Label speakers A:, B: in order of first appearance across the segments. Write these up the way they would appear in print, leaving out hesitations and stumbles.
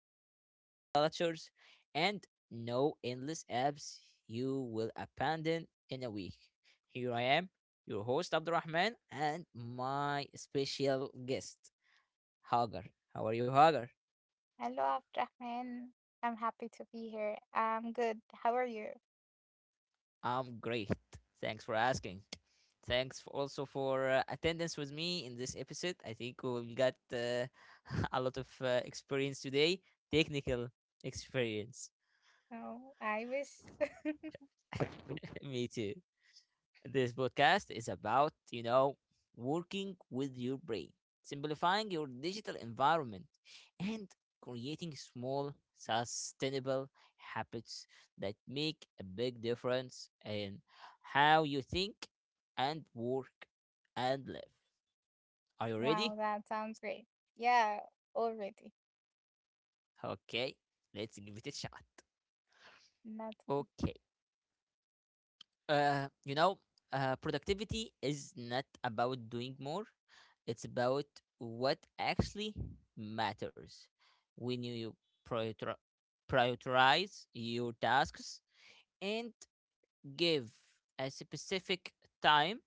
A: no burnout cultures, and no endless apps you will abandon in a week. Here I am, your host, Abdurrahman, and my special guest, Hagar. How are you, Hagar?
B: Hello, Abdrahman. I'm happy to be here. I'm good. How are you?
A: I'm great. Thanks for asking. Thanks for also for attendance with me in this episode. I think we got a lot of experience today, technical experience.
B: Oh, I wish.
A: Me too. This podcast is about, you know, working with your brain, simplifying your digital environment, and creating small, sustainable habits that make a big difference in how you think and work and live. Are you ready?
B: Wow, that sounds great. Yeah, already.
A: Okay, let's give it a shot.
B: That's
A: Okay. You know, productivity is not about doing more. It's about what actually matters. When you prioritri- prioritize your tasks and give a specific time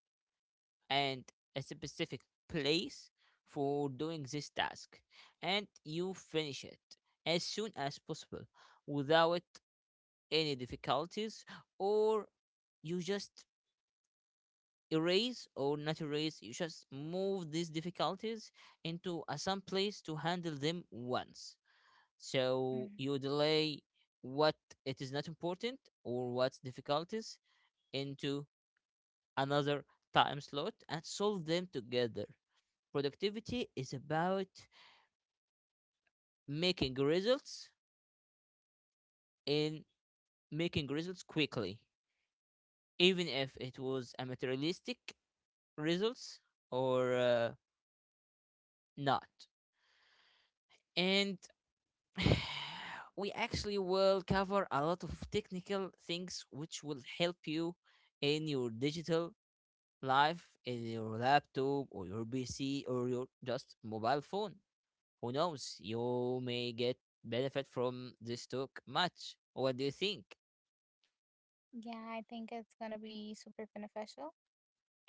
A: and a specific place for doing this task, and you finish it as soon as possible without any difficulties, or you just erase or not erase, you just move these difficulties into a some place to handle them once, so
B: mm.
A: you delay what it is not important or what's difficulties into another time slot and solve them together. Productivity is about making results in making results quickly, even if it was a materialistic results or not. And we actually will cover a lot of technical things which will help you in your digital life, in your laptop or your PC or your just mobile phone. Who knows? You may get benefit from this talk much. What do you think?
B: Yeah, I think it's gonna be super beneficial,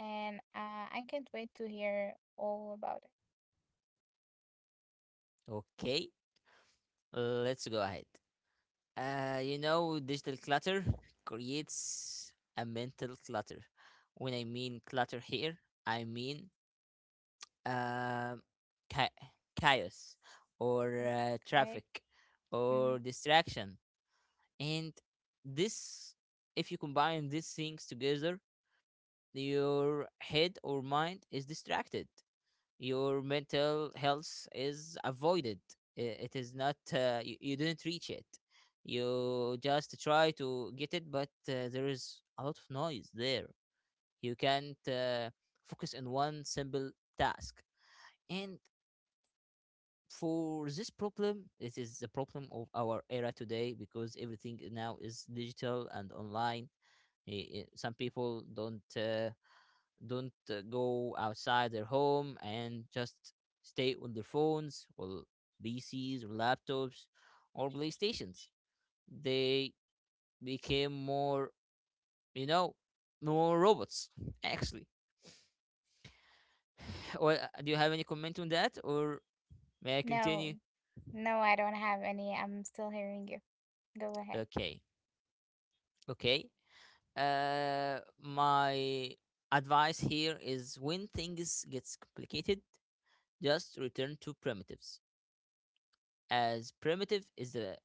B: and I can't wait to hear all about
A: Okay, let's go ahead. You know, digital clutter creates a mental clutter. When I mean clutter here, I mean um, cha- chaos or
B: it. Okay.
A: traffic or
B: Mhm.
A: distraction. And this, if you combine these things together, your head or mind is distracted. Your mental health is avoided. It is not, you didn't reach it. You just try to get it, but there is a lot of noise there. You can't focus on one simple task. And for this problem, it is the problem of our era today because everything now is digital and online. Some people don't go outside their home and just stay on their phones or PCs or laptops or PlayStations. They became more, you know, more robots actually. Well, do you have any comment on that, or may I continue?
B: No, no, I don't have any. I'm still hearing you. Go ahead.
A: Okay, okay. My advice here is when things gets complicated, just return to primitives, as primitive is the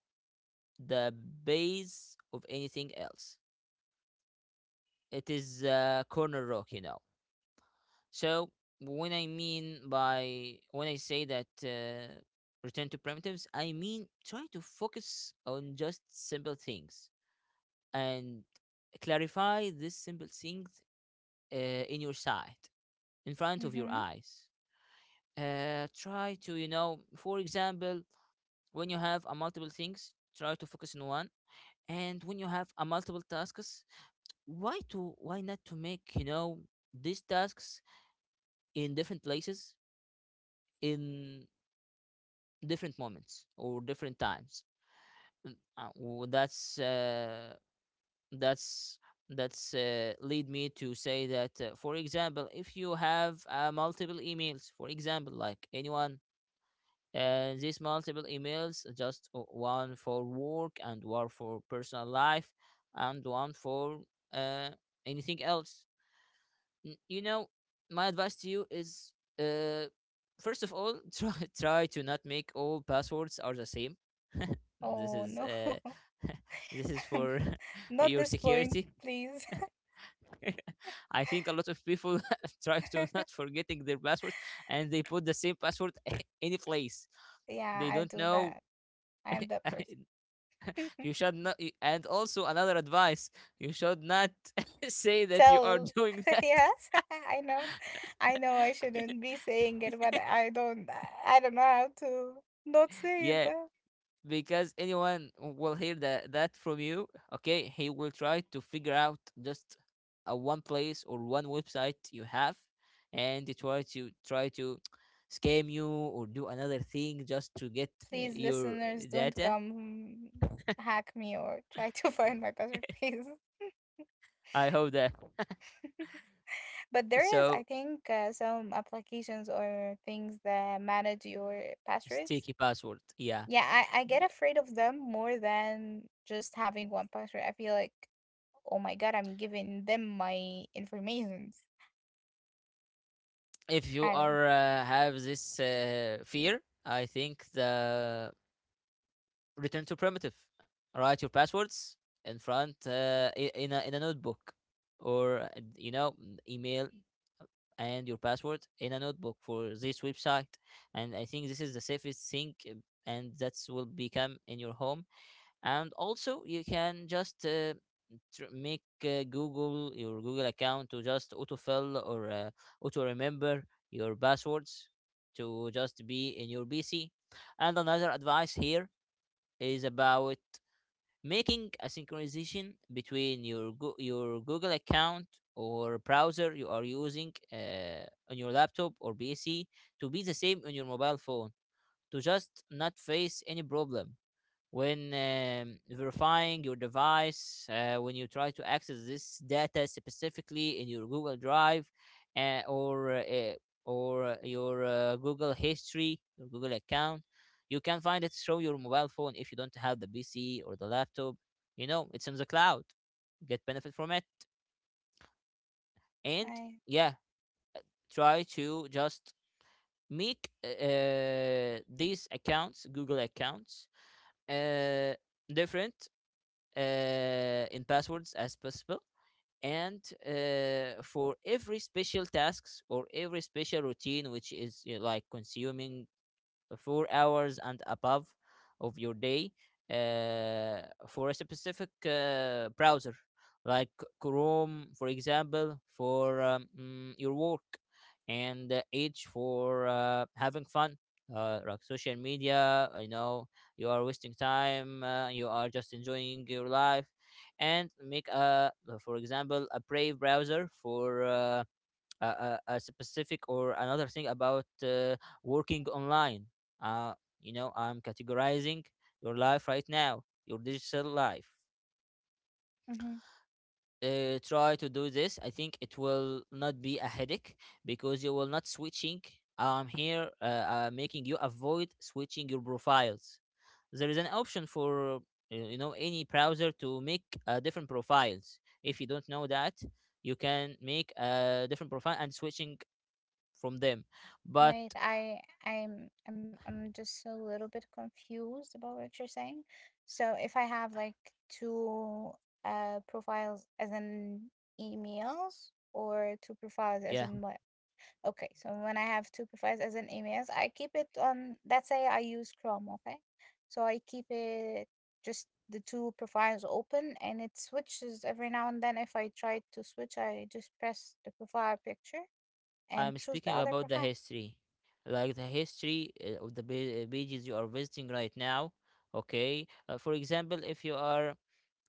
A: the base of anything else. It is a corner rock, you know. So when I say that return to primitives, I mean try to focus on just simple things and clarify this simple things in your sight, in front of your
B: Mm-hmm.
A: eyes. Uh, try to, you know, for example, when you have a multiple things, try to focus on one, and when you have a multiple tasks, why not to, make you know, these tasks in different places, in different moments or different times. Mm, that's that's lead me to say that for example, if you have multiple emails, for example, like anyone. These multiple emails, just one for work and one for personal life and one for uh, anything else. You know, my advice to you is uh, first of all, try to not make all passwords are the same. This
B: Oh
A: is
B: no,
A: this is for
B: not
A: your
B: this point,
A: security.
B: please.
A: I think a lot of people try to not forgetting their passwords, and they put the same password any place.
B: Yeah,
A: They
B: I
A: don't
B: do
A: know.
B: that. I am that person.
A: You should not, and also another advice: you should not say that you are
B: tell.
A: doing that.
B: Yes, I know. I know I shouldn't be saying it, but I don't know how to not say it,
A: Yeah,
B: but
A: because anyone will hear that from you. Okay, he will try to figure out just a one place or one website you have, and they try to scam you or do another thing just to get
B: please
A: your
B: listeners don't
A: data.
B: come hack me or try to find my password, please.
A: I hope that.
B: But there is, I
A: So
B: think, some applications or things that manage your passwords.
A: sticky password. Yeah,
B: Yeah, I get afraid of them more than just having one password. I feel like, oh my God, I'm giving them my informations.
A: if you
B: I don't
A: are have this fear, I think the return to primitive. Write your passwords in front in a notebook, or you know, email and your password in a notebook for this website. And I think this is the safest thing, and that's will become in your home. And also you can just make google your Google account to just autofill or auto remember your passwords to just be in your PC. And another advice here is about making a synchronization between your your Google account or browser you are using on your laptop or PC to be the same on your mobile phone, to just not face any problem when verifying your device, when you try to access this data specifically in your Google Drive uh, or uh, or your Google history, your Google account. You can find it through your mobile phone if you don't have the PC or the laptop. You know, it's in the cloud. Get benefit from it, and
B: know.
A: yeah, try to just make these accounts, Google accounts, uh, different in passwords as possible. And for every special tasks or every special routine which is, you know, like consuming 4 hours and above of your day, uh, for a specific browser like Chrome, for example, for your work, and Edge for having fun. Like social media, I know you are wasting time, you are just enjoying your life, and make a, for example, a Brave browser for a specific or another thing about working online. Uh, you know, I'm categorizing your life right now, your digital life.
B: Mhm.
A: Uh, try to do this. I think it will not be a headache because you will not switching. I'm here making you avoid switching your profiles. There is an option for you know, any browser to make different profiles. If you don't know that, you can make a different profile and switching from them. But
B: Wait, I I'm just a little bit confused about what you're saying. So if I have like two profiles as in emails or two profiles as
A: yeah,
B: in what? Okay, so when I have two profiles as in emails, I keep it on, let's say I use Chrome, okay? So I keep it just the two profiles open and it switches every now and then. If I try to switch, I just press the profile picture and
A: I'm
B: choose the
A: speaking
B: other
A: about the
B: profile.
A: history, like the history of the pages you are visiting right now. Okay, for example, if you are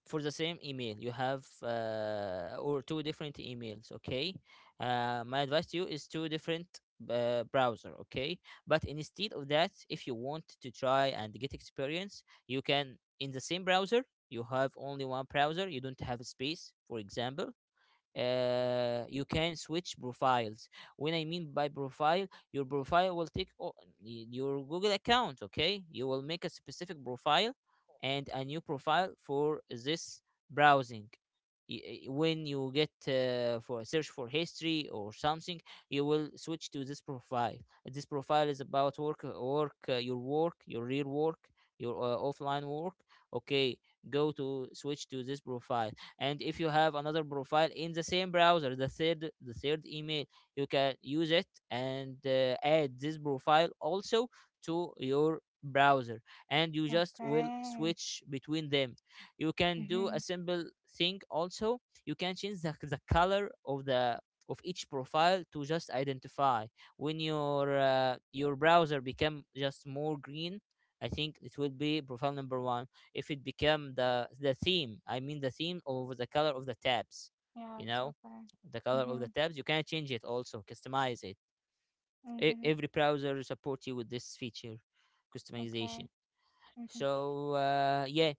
A: for the same email, you have or two different emails. Okay, my advice to you is two different browser. Okay, but instead of that, if you want to try and get experience, you can in the same browser. You have only one browser. You don't have a space, for example. Uh, you can switch profiles. When I mean by profile, your profile will take your Google account. Okay, you will make a specific profile and a new profile for this browsing. When you get for a search for history or something, you will switch to this profile. This profile is about work, your work, your real work, your offline work. Okay, go to switch to this profile. And if you have another profile in the same browser, the third email, you can use it, and add this profile also to your browser, and you just will
B: Okay.
A: switch between them. You can do a
B: Mhm.
A: simple thing also. You can change the color of the of each profile to just identify. When your browser become just more green, I think it will be profile number one. If it become the theme, I mean the theme of the color of the tabs,
B: Yeah,
A: you
B: it's
A: know,
B: okay.
A: the color of the
B: Mhm.
A: tabs, you can change it also, customize it.
B: Mhm.
A: Every browser support you with this feature, customization.
B: Okay. Mhm.
A: So yeah,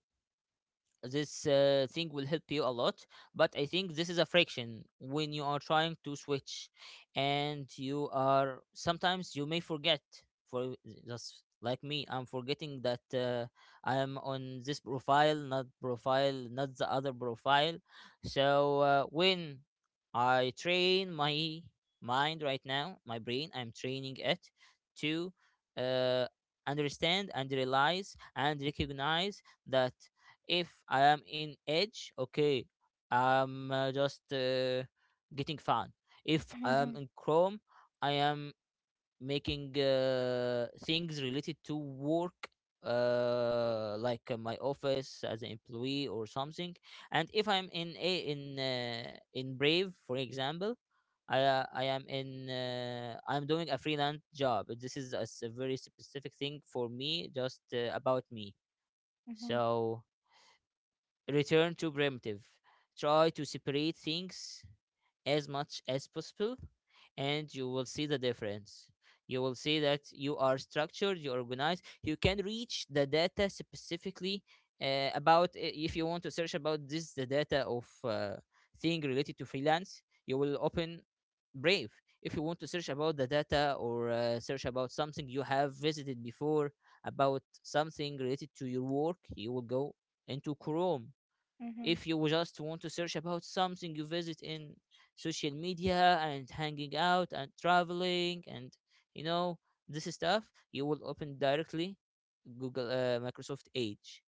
A: this thing will help you a lot. But I think this is a friction when you are trying to switch, and you are sometimes you may forget. For just like me, I'm forgetting that I am on this profile, not the other profile. So when I train my mind right now, my brain, I'm training it to uh, understand and realize and recognize that if I am in Edge, okay, I'm just getting fun. If I am
B: Mhm.
A: in Chrome, I am making things related to work, like my office as an employee or something. And if I'm in a in in Brave, for example. I am in I'm doing a freelance job. This is a very specific thing for me, just about me.
B: Mhm.
A: So return to primitive. Try to separate things as much as possible, and you will see the difference. You will see that you are structured, you organized, you can reach the data specifically, about if you want to search about this the data of, thing related to freelance, you will open Brave. If you want to search about the data, or search about something you have visited before, about something related to your work, you will go into Chrome.
B: Mhm.
A: If you just want to search about something you visit in social media and hanging out and traveling and you know this stuff, you will open directly Google, Microsoft Edge.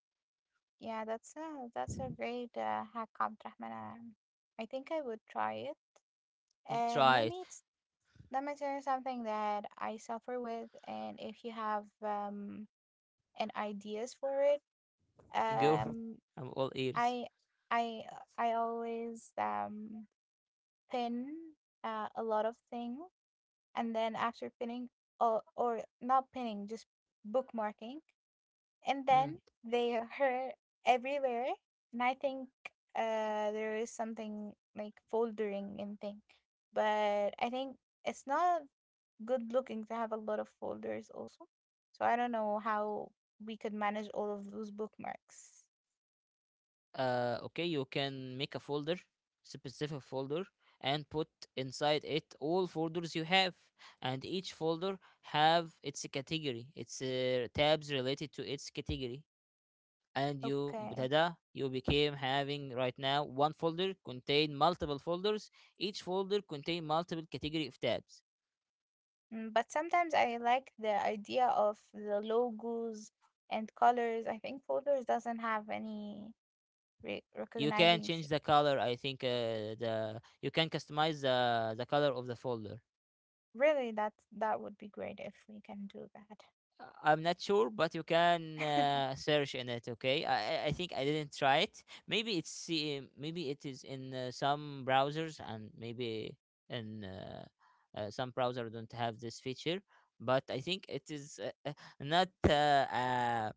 B: Yeah, that's a great hack, Abd Um, I think I would try it.
A: Mm,
B: And
A: try it.
B: let me tell you something that I suffer with, and if you have an ideas for it,
A: Go,
B: um,
A: I'm all ears.
B: I I I always pin a lot of things, and then after pinning or not pinning, just bookmarking, and then
A: Mm.
B: they are everywhere. And I think there is something like foldering and thing, but I think it's not good looking to have a lot of folders also. So I don't know how we could manage all of those bookmarks.
A: Okay, you can make a folder, specific folder, and put inside it all folders you have, and each folder have its category, its tabs related to its category, and
B: Okay.
A: you became having right now one folder contain multiple folders, each folder contain multiple category of tabs.
B: Mm, but sometimes I like the idea of the logos and colors. I think folders doesn't have any
A: You can
B: recognizing
A: change
B: shape.
A: the color, I think. The You can customize the color of the folder.
B: Really, that that would be great if we can do that.
A: I'm not sure, but you can search in it. Okay, I think I didn't try it. Maybe it's, maybe it is in some browsers, and maybe in some browser don't have this feature. But I think it is not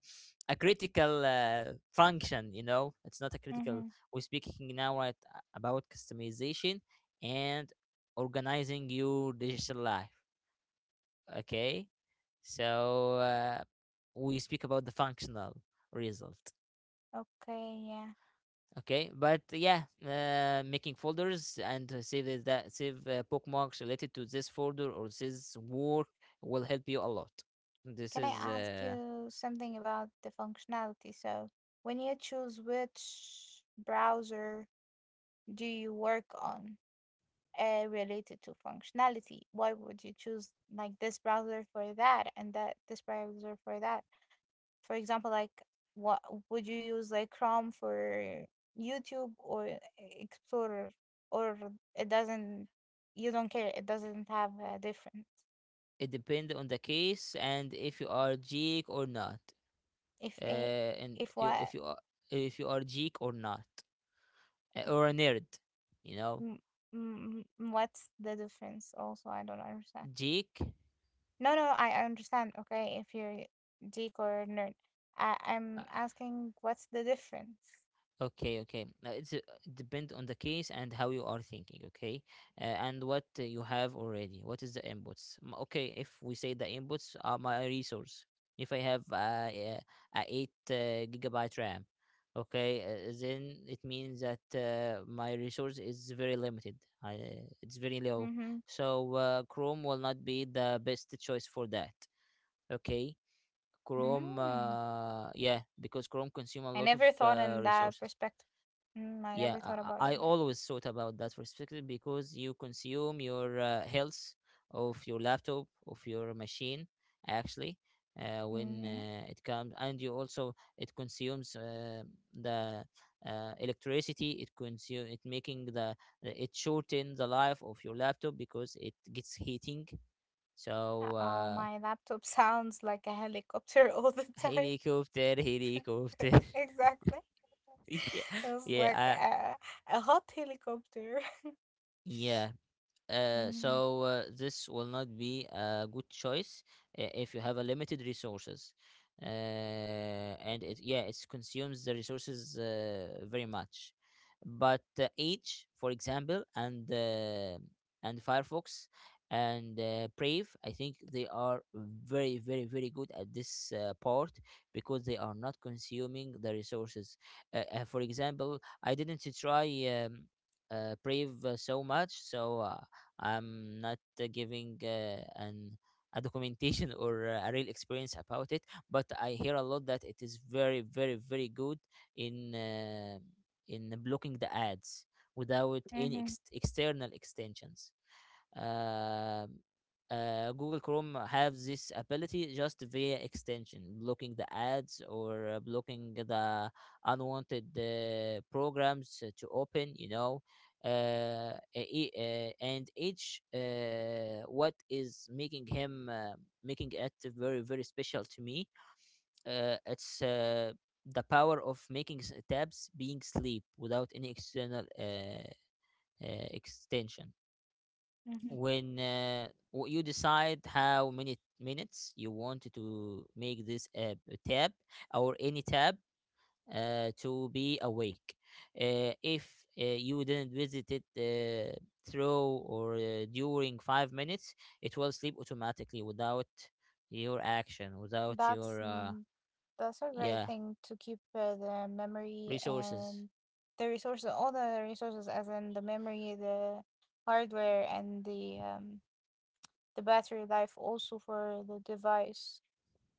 A: a critical function. You know, it's not a critical.
B: Mm-hmm.
A: We're speaking now, right, about customization and organizing your digital life, okay? So we speak about the functional result.
B: Okay, yeah.
A: Okay, but yeah, making folders and that save bookmarks related to this folder or this work will help you a lot. This
B: Can I
A: is
B: ask you something about the functionality? So, when you choose which browser do you work on related to functionality, why would you choose like this browser for that and that this browser for that? For example, like what would you use, like Chrome for YouTube or Explorer, or it doesn't, you don't care, it doesn't have a difference.
A: it depends on the case and if you are geek or not,
B: If a, if what,
A: if you are geek or not, or a nerd, you know.
B: m- m- m- What's the difference? Also, I don't understand.
A: Geek.
B: No, no, I understand. Okay, if you're geek or nerd,
A: uh,
B: I'm asking what's the difference?
A: Okay, okay. Now it's depend on the case and how you are thinking. Okay, and what you have already. What is the inputs? Okay, if we say the inputs are my resource. If I have a 8 gigabyte RAM, okay, then it means that my resource is very limited. I, it's very low,
B: Mm-hmm.
A: so Chrome will not be the best choice for that. Okay, Chrome,
B: Mm.
A: yeah, because Chrome consume a
B: I
A: lot of
B: never thought in that
A: resources.
B: perspective. Mm, I
A: Yeah,
B: never thought
A: I,
B: about
A: I
B: it
A: I
B: like that.
A: always thought about that perspective because you consume your health of your laptop, of your machine, actually, when
B: Mm-hmm.
A: it comes, and you also it consumes the electricity. It consume it making the it shorten the life of your laptop because it gets heating. So
B: Oh, my laptop sounds like a helicopter all the time.
A: helicopter, helicopter.
B: Exactly.
A: Yeah,
B: It's
A: yeah,
B: like a hot helicopter.
A: yeah.
B: Mm-hmm,
A: This will not be a good choice, if you have a limited resources, uh, and it, yeah, it consumes the resources very much, but Edge, for example, and and Firefox and Brave, I think they are very, very, very good at this part, because they are not consuming the resources. For example, I didn't try um, Brave so much, so I'm not giving an a documentation or a real experience about it, but I hear a lot that it is very, very, very good in, in blocking the ads without any
B: mm-hmm,
A: external extensions. Um, Google Chrome has this ability just via extension, blocking the ads or blocking the unwanted programs to open. You know, e- and each what is making him making it very, very special to me, it's the power of making tabs being sleep without any external extension,
B: mm-hmm.
A: when you decide how many minutes you want to make this tab, or any tab, to be awake. If you didn't visit it through, or during 5 minutes, it will sleep automatically without your action, without
B: That's
A: your
B: mm, that's a great
A: yeah,
B: thing to keep the memory
A: resources.
B: and the resources, all the resources, as in the memory, the hardware, and the battery life also for the device.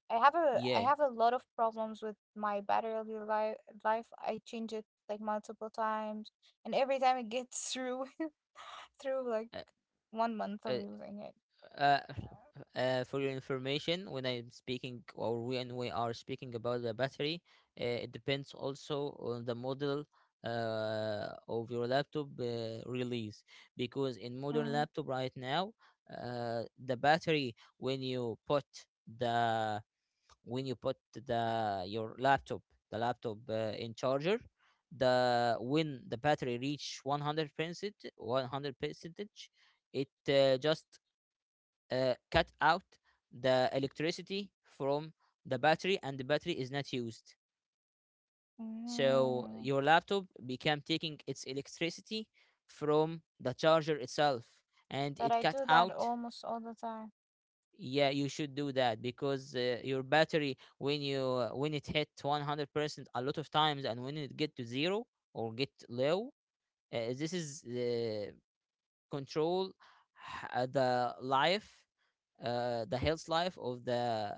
B: I
A: Yeah.
B: have a lot of problems with my battery life. Life I change it like multiple times, and every time it gets through through like
A: Uh,
B: one month of
A: Uh,
B: using it.
A: uh, for your information, when I'm speaking, or when we are speaking about the battery, it depends also on the model of your laptop release. Because in modern
B: Mm,
A: laptop right now, the battery, when you put the when you put the your laptop, the laptop in charger, the when the battery reach 100%, 100 percentage, it just cut out the electricity from the battery, and the battery is not used. So
B: mm.
A: your laptop became taking its electricity from the charger itself, and
B: But
A: it
B: I
A: cut
B: do that
A: out.
B: almost all the time.
A: Yeah, you should do that, because your battery, when it hit 100% a lot of times, and when it get to zero or get low, this is control, the life, the health life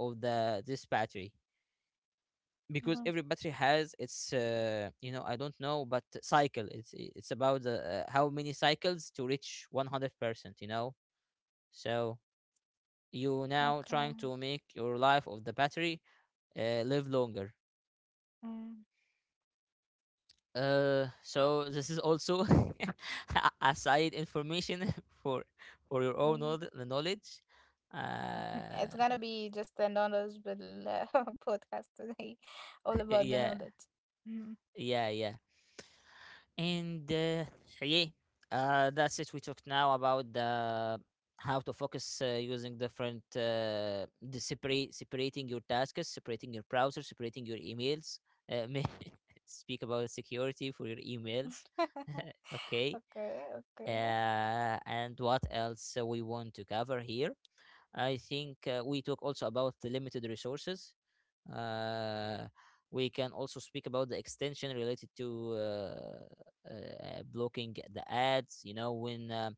A: of the this battery, because
B: Hmm.
A: every battery has its I don't know but cycle, it's about the, how many cycles to reach 100%, you know so you now trying
B: Okay.
A: to make your life of the battery live longer.
B: Mm,
A: So this is also a side information for your own
B: yeah.
A: knowledge. uh
B: It's gonna be just another little, podcast today, all about the
A: Yeah,
B: knowledge. Mm.
A: yeah, yeah. And yeah, that's it. We talked now about the how to focus using different, the separate separating your tasks, separating your browser, separating your emails. Uh, may- Speak about security for your emails. Okay.
B: Okay. Okay.
A: And what else we want to cover here? I think we talk also about the limited resources. Uh, we can also speak about the extension related to blocking the ads. You know, when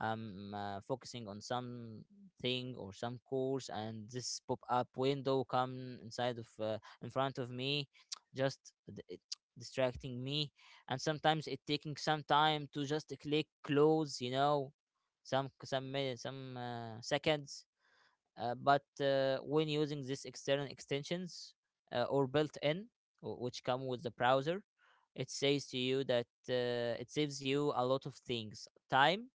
A: I'm focusing on something or some course, and this pop-up window come inside of, in front of me, just it distracting me. And sometimes it taking some time to just click close. You know, some minutes, some seconds, but when using these external extensions, or built in, which come with the browser, it says to you that it saves you a lot of things time,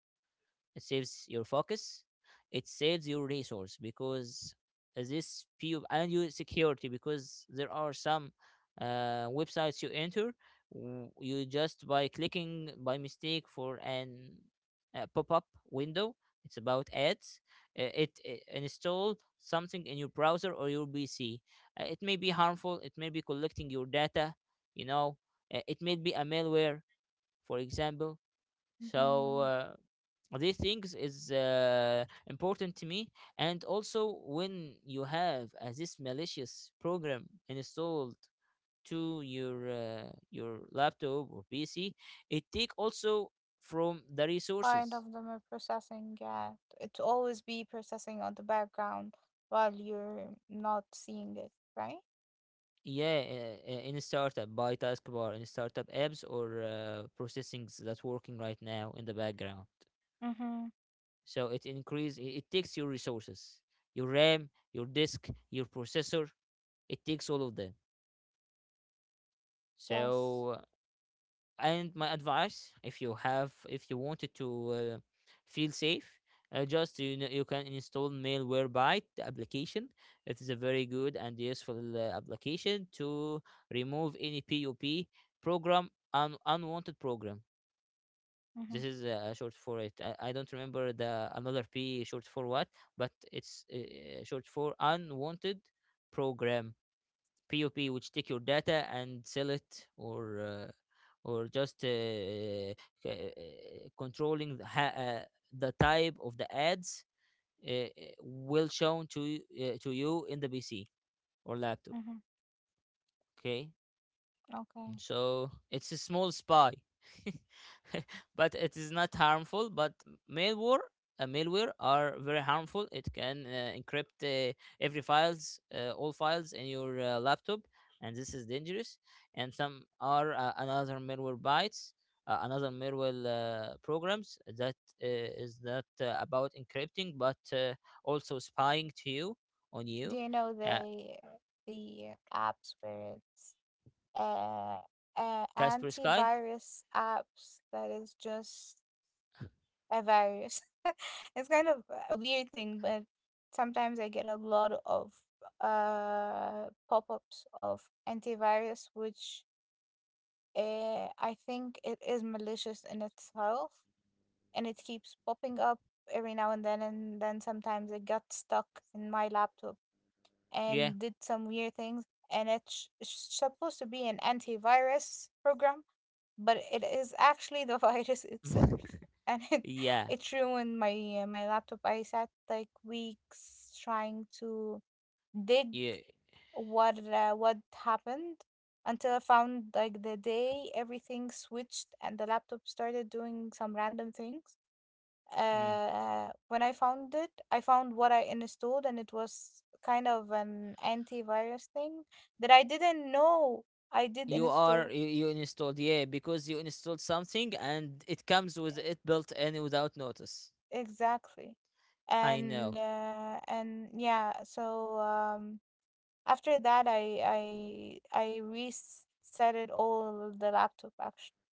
A: it saves your focus, it saves your resource because this few, and your security, because there are some websites you enter, you just by clicking by mistake, for an pop-up window, it's about ads, it install something in your browser or your PC. It may be harmful, it may be collecting your data, you know, it may be a malware, for example. So
B: Hmm.
A: these things is important to me. And also when you have this malicious program installed to your, your laptop or PC, it take also from the
B: Kind
A: resources.
B: of them are processing, yeah. It always be processing on the background while you're not seeing it, right?
A: Yeah, in a startup by taskbar, in startup apps or processings that's working right now in the background.
B: Mm-hmm.
A: So it increase, it takes your resources, your RAM, your disk, your processor, it takes all of them.
B: Yes.
A: So, and my advice, if you have, if you wanted to feel safe, just you can install malware byte the application. It is a very good and useful application to remove any pop program, unwanted program.
B: Mm-hmm.
A: This is a short for it. I don't remember the another p short for what, but it's short for unwanted program, POP, which take your data and sell it, or or just controlling the, the type of the ads uh, uh, will shown to you in the PC or laptop.
B: Mm-hmm.
A: Okay,
B: Okay.
A: so it's a small spy, but it is not harmful. But malware, malware are very harmful. It can encrypt every files, all files in your laptop, and this is dangerous. And some are another malware bytes, another malware programs that is not about encrypting, but also spying to you, on
B: Do
A: you.
B: you know
A: Uh,
B: the apps where it's uh,
A: Casper Sky.
B: antivirus apps that is just a virus? It's kind of a weird thing, but sometimes I get a lot of pop-ups of antivirus which I think it is malicious in itself, and it keeps popping up every now and then sometimes it got stuck in my laptop
A: Yeah,
B: and did some weird things. And it's supposed to be an antivirus program, but it is actually the virus itself, and it
A: yeah,
B: it ruined my laptop. I sat like weeks trying to dig
A: yeah.
B: what happened until I found like the day everything switched and the laptop started doing some random things.
A: Mm.
B: When I found it, I found what I installed, and it was kind of an antivirus thing that I didn't know I did install.
A: You installed, yeah, because you installed something and it comes with it built in without notice.
B: Exactly.
A: I know.
B: And yeah, so after that, I reset it all the laptop actually.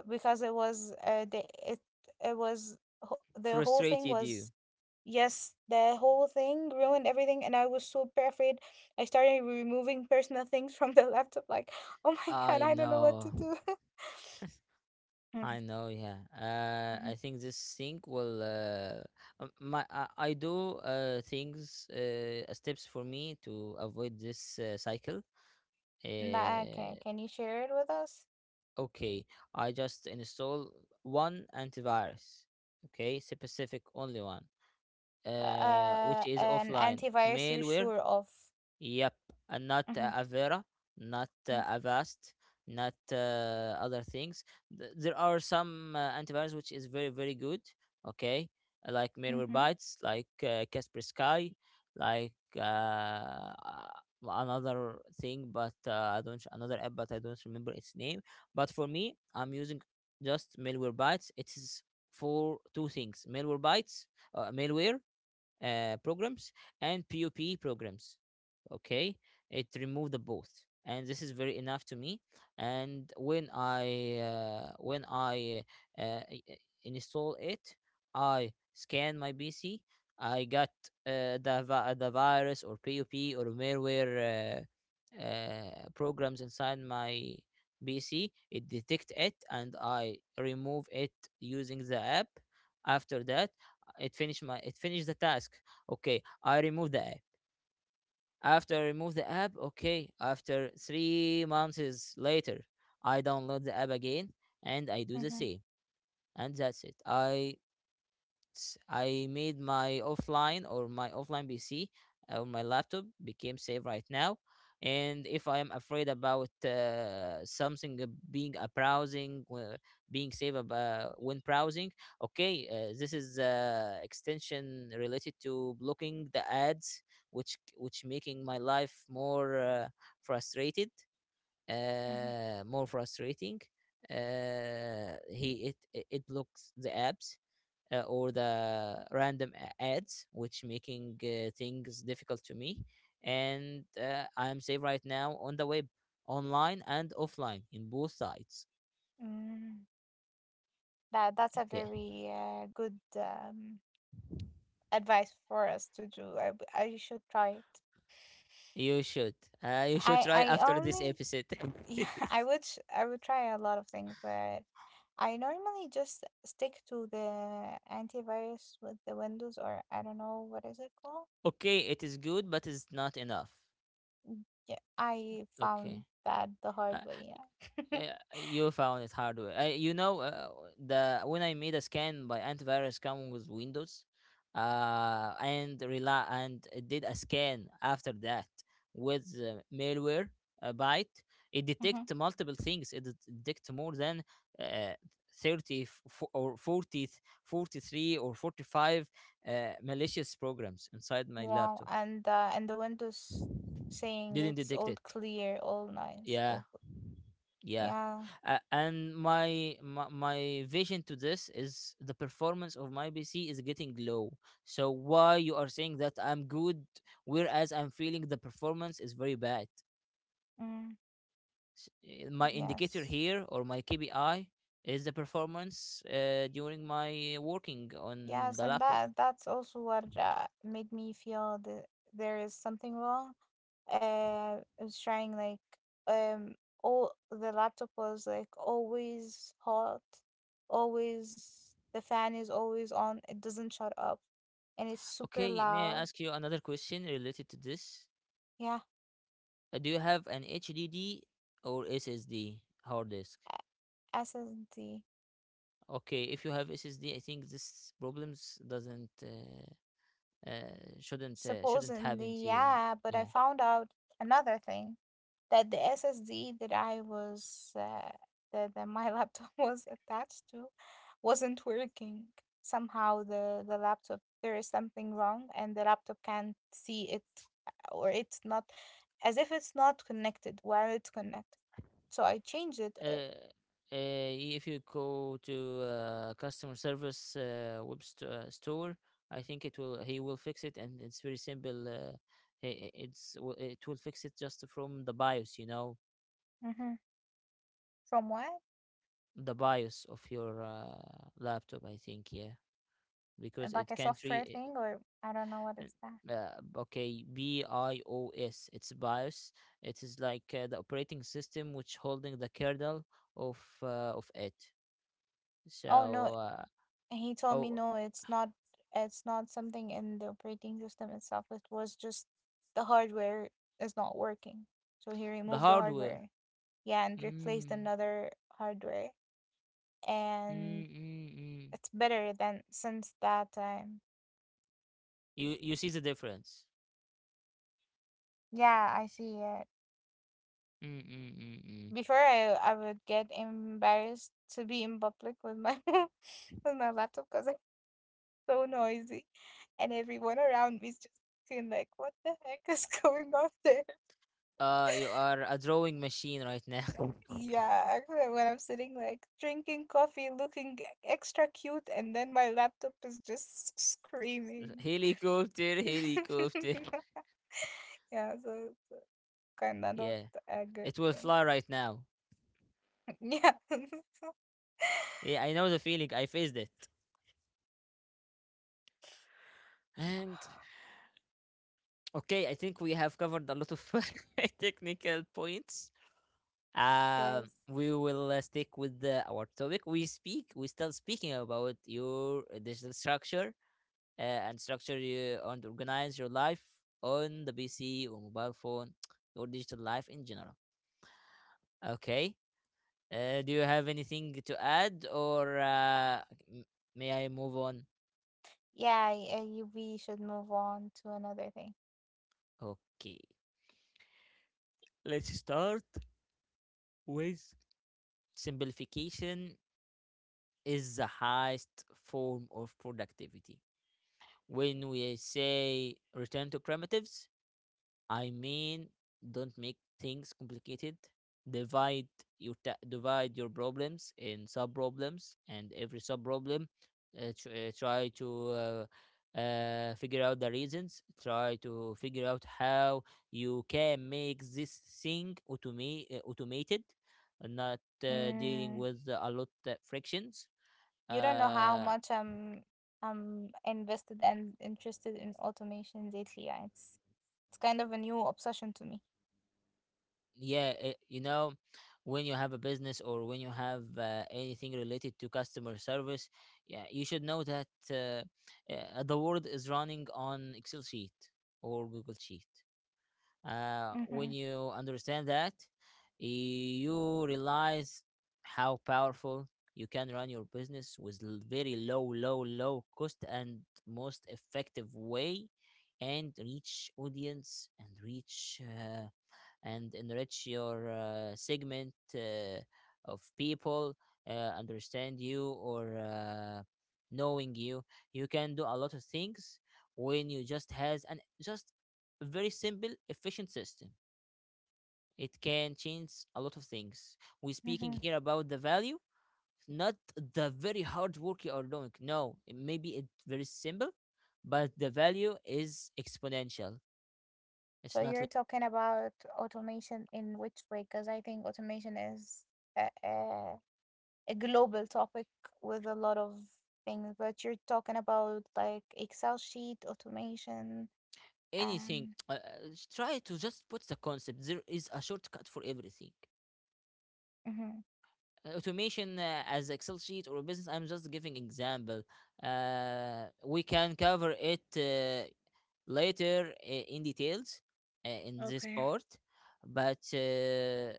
B: Because it was the it it was ho- the whole thing
A: Frustrated you.
B: was. Yes, the whole thing ruined everything and I was super afraid. I started removing personal things from the laptop like, oh my god,
A: I
B: I don't know what
A: know.
B: to do. Mhm,
A: I know, yeah,
B: mhm.
A: I think this thing will, I do things, steps for me to avoid this cycle.
B: Nah, okay,
A: uh
B: can you share it with us?
A: okay, I just install one antivirus, okay, specific, only one, which is
B: An
A: offline.
B: antivirus you're
A: Malware,
B: sure of.
A: yep. And not
B: Mm-hmm,
A: Avera, not Avast, not other things. There are some antivirus which is very, very good. Okay, like
B: mm-hmm, mm-hmm,
A: Malwarebytes, like Kaspersky, like uh, another thing, but I don't, another app, but I don't remember its name. But for me, I'm using just Malwarebytes. It is for two things: Malwarebytes, malware programs, and POP programs. Okay, it removed the both, and this is very enough to me. And when I install it, I scan my PC. I got the the virus or POP or malware programs inside my PC. It detect it, and I remove it using the app. After that, it finished the task. Okay, I remove the app. After I remove the app, okay, after 3 months later, I download the app again and I do the
B: mm-hmm.
A: same. And that's it. I made my offline, or my offline PC or my laptop became safe right now. And if I am afraid about something, being safe about when browsing, okay, this is extension related to blocking the ads, which making my life more frustrated,
B: Mm-hmm.
A: more frustrating. He It it blocks the apps or the random ads, which making things difficult to me. And I'm safe right now on the web, online and offline, in both sides.
B: Mm, that's a
A: Okay,
B: very good advice for us to do. I should try it.
A: you should, you should try
B: I
A: after this
B: only
A: episode.
B: yeah, I would try a lot of things, but I normally just stick to the antivirus with the Windows or I don't know what is it called.
A: Okay, it is good, but it's not enough.
B: Yeah, I
A: Okay.
B: found that the hard
A: Uh,
B: way. Yeah.
A: Uh, you found it hard way. You know, the when I made a scan by antivirus coming with Windows, and rely and it did a scan after that with malware byte. It
B: Hmm.
A: detect multiple things. It detect more than uh, thirty f- fo- or 40, 43 or 45 malicious programs inside my
B: Wow,
A: laptop.
B: and the Windows saying
A: Didn't
B: it's
A: detect
B: all
A: it.
B: clear, all nice,
A: Yeah.
B: all good.
A: Yeah.
B: Yeah.
A: And my vision to this is the performance of my PC is getting low. So why you are saying that I'm good, whereas I'm feeling the performance is very bad?
B: Mm,
A: My indicator
B: yes.
A: here, or my KPI, is the performance during my working on
B: Yes,
A: the
B: and
A: laptop.
B: that's also what made me feel that there is something wrong. I was trying like um all the laptop was, like, always hot, always the fan is always on. It doesn't shut up, and it's super
A: Okay, may I
B: loud.
A: ask you another question related to this?
B: Yeah,
A: Do you have an HDD or SSD hard disk?
B: SSD.
A: Okay, if you have SSD, I think this problems doesn't shouldn't happen
B: Supposedly,
A: to you.
B: yeah, but I
A: Yeah.
B: found out another thing that the SSD that I was that my laptop was attached to wasn't working. Somehow the laptop, there is something wrong and the laptop can't see it, or it's not, as if it's not connected while it's connected. So I changed it,
A: Uh, if you go to customer service store, I think it will he will fix it, and it's very simple. It will fix it just from the BIOS, you know,
B: mhm, from what?
A: the BIOS of your laptop. I think yeah, because
B: Like
A: it
B: a
A: can't
B: software
A: read.
B: thing or I don't know what it's that.
A: uh, okay, BIOS, it's BIOS. It is like the operating system which holding the kernel of it.
B: Oh no,
A: so uh,
B: and he told me
A: oh
B: no, it's not something in the operating system itself. It was just the hardware is not working. So he
A: the
B: removed the
A: hardware.
B: hardware. Yeah, and replaced
A: mm,
B: another hardware.
A: mm,
B: And
A: mm, mm.
B: it's better than since that time.
A: You you see the difference.
B: Yeah, I see it.
A: mm, mm, mm, mm.
B: Before I would get embarrassed to be in public with my with my laptop because it's so noisy and everyone around me is just looking like, what the heck is going on there.
A: You are a drawing machine right now.
B: Yeah, actually, when I'm sitting like drinking coffee, looking extra cute, and then my laptop is just screaming.
A: Helicopter, helicopter.
B: Yeah, so it's kind of not
A: Yeah,
B: a good
A: it will
B: thing.
A: fly right now.
B: Yeah.
A: Yeah, I know the feeling, I faced it. And okay, I think we have covered a lot of technical points.
B: Yes.
A: We will stick with our topic. We still speaking about your digital structure, uh, and structure you and organize your life on the PC or mobile phone, your digital life in general. Okay. Do you have anything to add, or m- may I move on?
B: Yeah, we should move on to another thing.
A: Okay. Let's start with: simplification is the highest form of productivity. When we say return to primitives, I mean, don't make things complicated. Divide your divide your problems in sub problems, and every sub problem, try to figure out the reasons. Try to figure out how you can make this thing automated, not dealing
B: Mm,
A: with a lot of frictions.
B: you don't know how
A: uh
B: much I'm invested and interested in automation lately. Yeah, it's kind of a new obsession to me.
A: yeah, it, you know, when you have a business, or when you have anything related to customer service, yeah, you should know that the world is running on Excel sheet or Google sheet.
B: Mm-hmm.
A: When you understand that, you realize how powerful you can run your business with very low cost and most effective way, and reach audience, and reach and enrich your segment of people understand you or knowing you. You can do a lot of things when you just has an just a very simple efficient system. It can change a lot of things. We're speaking here about the value, not the very hard work you are doing. No, it, maybe it's very simple, but the value is exponential. It's
B: So
A: not
B: you're talking about automation in which way? Because I think automation is a, a, a global topic with a lot of things, but you're talking about like Excel sheet automation
A: anything.
B: and
A: Try to just put the concept: there is a shortcut for everything.
B: Mhm.
A: Automation as Excel sheet or business, I'm just giving example. We can cover it later in details in this
B: Okay.
A: part, but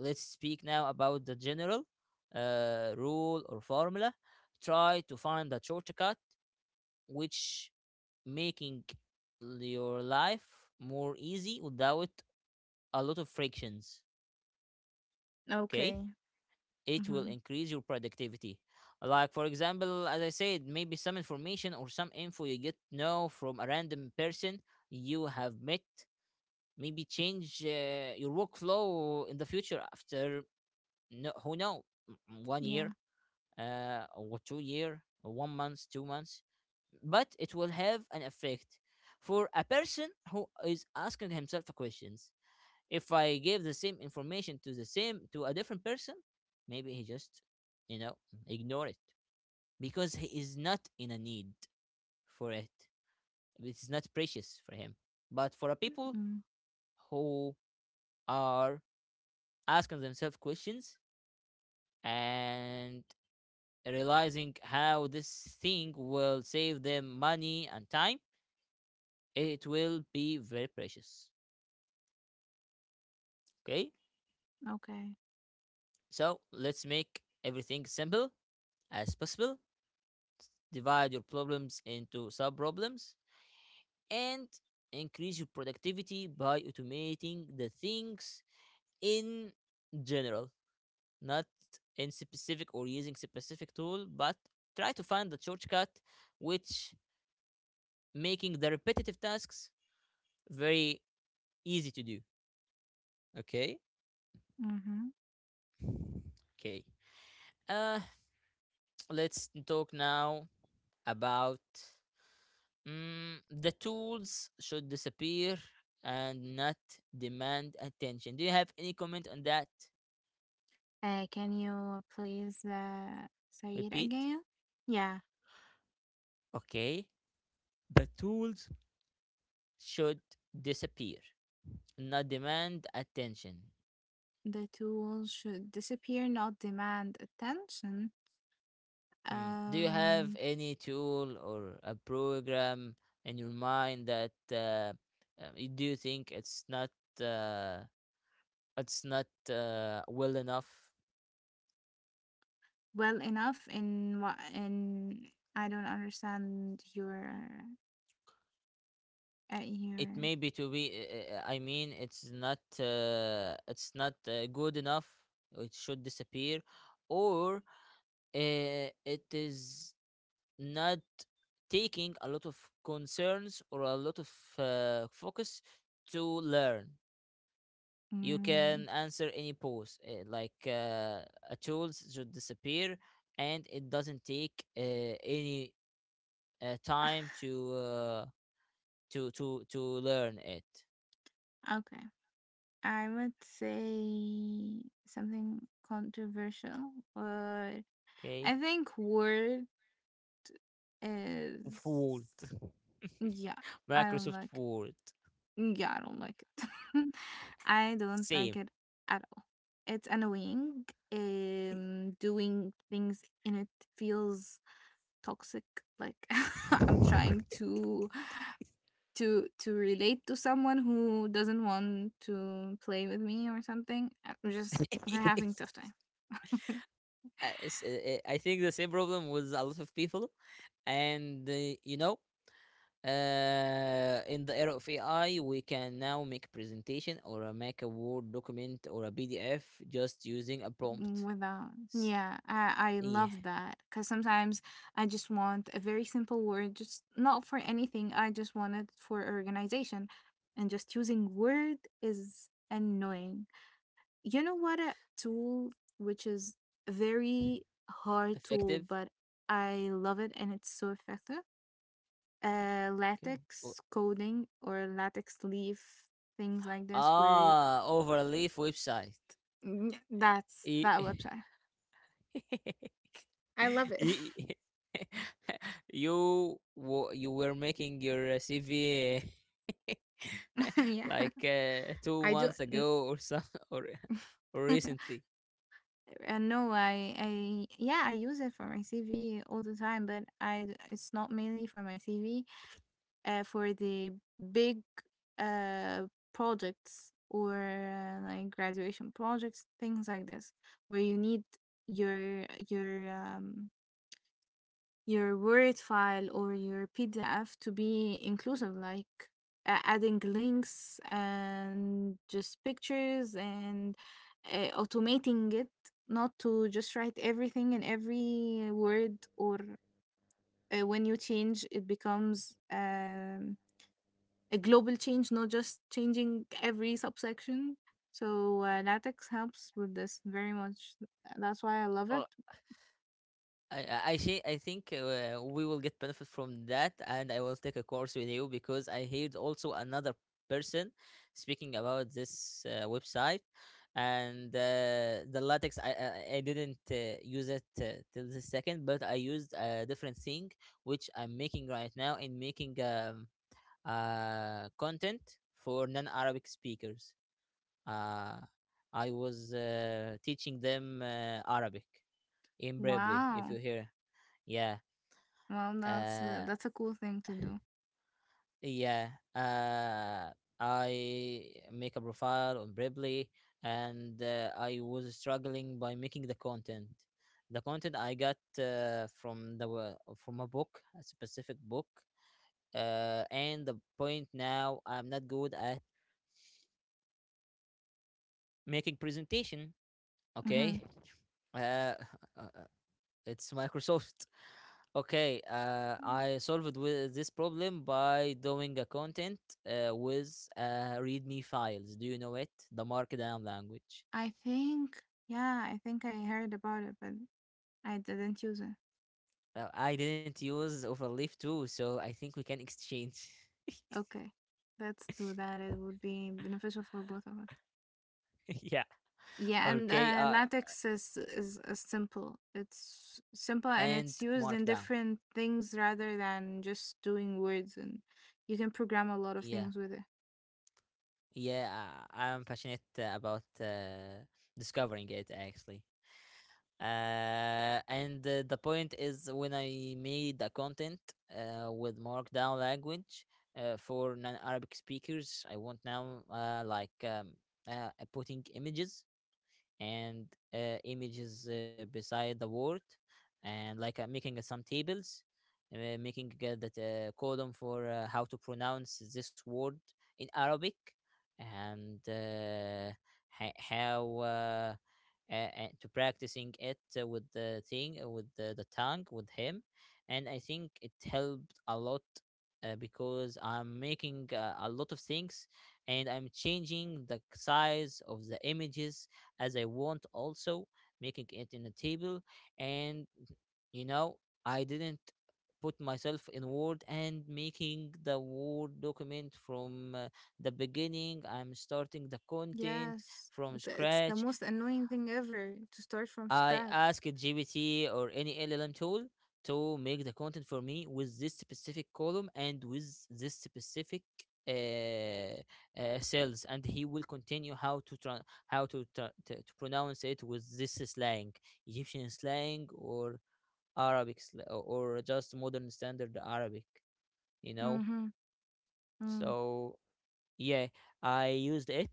A: let's speak now about the general rule or formula. Try to find a shortcut which making your life more easy without a lot of frictions. Okay,
B: Okay.
A: it will
B: Mm-hmm.
A: increase your productivity. Like for example, as I said, maybe some information or some info you get to know from a random person you have met, maybe change your workflow in the future after, no, who know, one
B: Yeah.
A: year or 2 year, or 1 month, 2 months. But it will have an effect for a person who is asking himself questions. If I give the same information to the same to a different person, maybe he just, you know, ignore it because he is not in a need for it. It's not precious for him. But for a people
B: Mm.
A: who are asking themselves questions and realizing how this thing will save them money and time, it will be very precious. Okay,
B: Okay.
A: so let's make everything simple as possible. Divide your problems into sub problems, and increase your productivity by automating the things in general, not in specific or using specific tool, but try to find the shortcut which making the repetitive tasks very easy to do. Okay?
B: Mm-hmm.
A: Okay. Uh let's talk now about, the tools should disappear and not demand attention. Do you have any comment on that?
B: Can you please say it
A: Repeat.
B: again? Yeah.
A: Okay, the tools should disappear, not demand attention.
B: The tools should disappear, not demand attention.
A: Mm. Do you have
B: Um.
A: any tool or a program in your mind that you do you think uh, it's not well enough?
B: Well enough in what in I don't understand your, your,
A: It may be to be I mean, it's not good enough. It should disappear, or it is not taking a lot of concerns or a lot of focus to learn. You
B: mm,
A: can answer any post like a tools should disappear and it doesn't take any time to to learn it.
B: okay. I would say something controversial, but I
A: Okay.
B: think Word is
A: Word.
B: yeah. I don't
A: Microsoft
B: like
A: Word.
B: it. Yeah, I don't like it. I don't like
A: Same.
B: it at all. It's annoying. Doing things in it feels toxic, like I'm trying to relate to someone who doesn't want to play with me or something. We're having tough time.
A: Uh, I think the same problem with a lot of people. And you know, in the era of AI, we can now make a presentation, or make a Word document or a PDF, just using a
B: Mm,
A: prompt.
B: without,
A: S-
B: yeah, I
A: Yeah,
B: love that because sometimes I just want a very simple word, just not for anything. I just want it for organization, and just using word is annoying. You know what a tool which is a very hard tool,
A: effective.
B: but I love it and it's so effective.
A: Okay. O-
B: Latex coding or latex leaf, things like this, where
A: Ah, Overleaf website.
B: mm, that's
A: E-
B: that website. I love it.
A: Y- you you were making your CV
B: Yeah.
A: like two
B: I do.
A: months ago or some, or or recently.
B: No, yeah, I use it for my CV all the time, but it's not mainly for my CV. For the big, uh, projects or like graduation projects, things like this, where you need your your Word file or your PDF to be inclusive, like adding links and just pictures and automating it, not to just write everything in every word or when you change, it becomes a global change, not just changing every subsection. So latex helps with this very much. That's why I love it.
A: I think we will get benefit from that, and I will take a course with you, because I heard also another person speaking about this website. And the latex, I didn't use it till the second, but I used a different thing which I'm making right now, in making content for non-Arabic speakers. Uh, I was teaching them Arabic in Bravely, if you
B: Wow.
A: hear. Yeah,
B: Well,
A: uh,
B: that's a cool thing to do.
A: yeah. Uh, I make a profile on Bravely, and I was struggling by making the content. The content I got from a book, a specific book. And the point now, I'm not good at making presentation.
B: Hmm.
A: Okay. Uh, it's Microsoft. Okay, I solved with this problem by doing a content with README files. Do you know it? The markdown language.
B: I think, yeah, I think I heard about it, but I didn't use it.
A: I didn't use Overleaf too, so I think we can exchange.
B: Okay, let's do that. It would be beneficial for both of us.
A: Yeah.
B: Yeah, and
A: Okay.
B: latex is is simple. It's simple
A: And
B: and it's used
A: markdown.
B: in different things rather than just doing words, and you can program a lot of
A: Yeah.
B: things with it.
A: Yeah. I'm passionate about discovering it actually. And the point is, when I made the content with markdown language for non-Arabic speakers, I want now putting images and images beside the word, and like making some tables, making that column for how to pronounce this word in Arabic, and ha- how to practicing it with the tongue with him. And I think it helped a lot, because I'm making a lot of things, and I'm changing the size of the images as I want, also making it in a table. And you know, I didn't put myself in Word and making the Word document from the beginning. I'm starting the content
B: Yes,
A: from
B: it's the
A: scratch.
B: most annoying thing ever to start from
A: I
B: scratch.
A: ask GPT or any LLM tool to make the content for me with this specific column and with this specific uh, cells, and he will continue how to, to pronounce it with this slang, Egyptian slang or or just modern standard Arabic, you know.
B: Mm-hmm.
A: So, yeah, I used it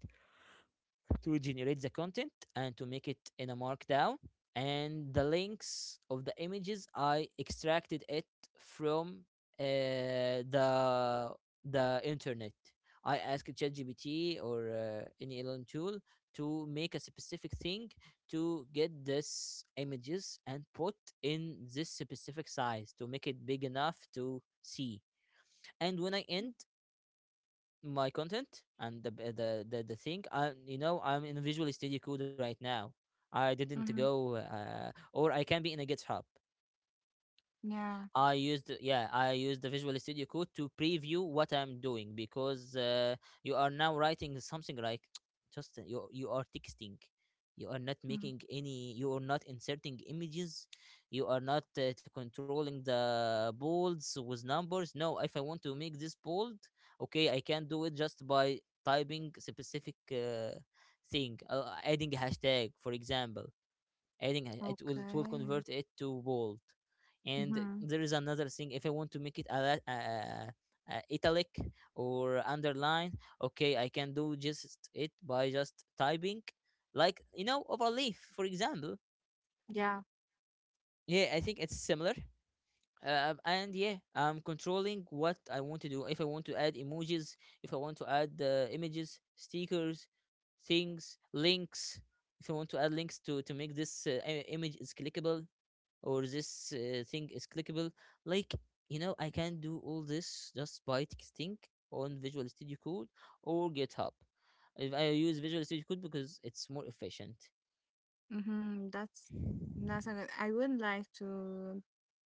A: to generate the content and to make it in a markdown, and the links of the images I extracted it from uh, the the internet. I asked ChatGPT or any LLM tool to make a specific thing to get this images and put in this specific size to make it big enough to see. And when I end my content and the b- the thing I you know I'm in Visual Studio Code right now, I didn't
B: Mm-hmm.
A: go or I can be in a GitHub.
B: Yeah.
A: I used, yeah, I used the Visual Studio Code to preview what I'm doing, because you are now writing something like just you are texting, you are not
B: Mm.
A: making any, you are not inserting images, you are not to controlling the bolds with numbers. No, if I want to make this bold, okay, I can do it just by typing specific thing, adding a hashtag, for example, it will
B: Okay.
A: convert it to bold. And
B: Mhm.
A: there is another thing, if I want to make it a italic or underline, okay, I can do just it by just typing, like, you know, Overleaf, for example.
B: Yeah.
A: Yeah, I think it's similar. And yeah, I'm controlling what I want to do. If I want to add emojis, if I want to add images, stickers, things, links, if I want to add links to make this image is clickable, or this thing is clickable. Like, you know, I can do all this just by texting on Visual Studio Code or GitHub. If I use Visual Studio Code, because it's more efficient.
B: Mhm. That's a good. I would like to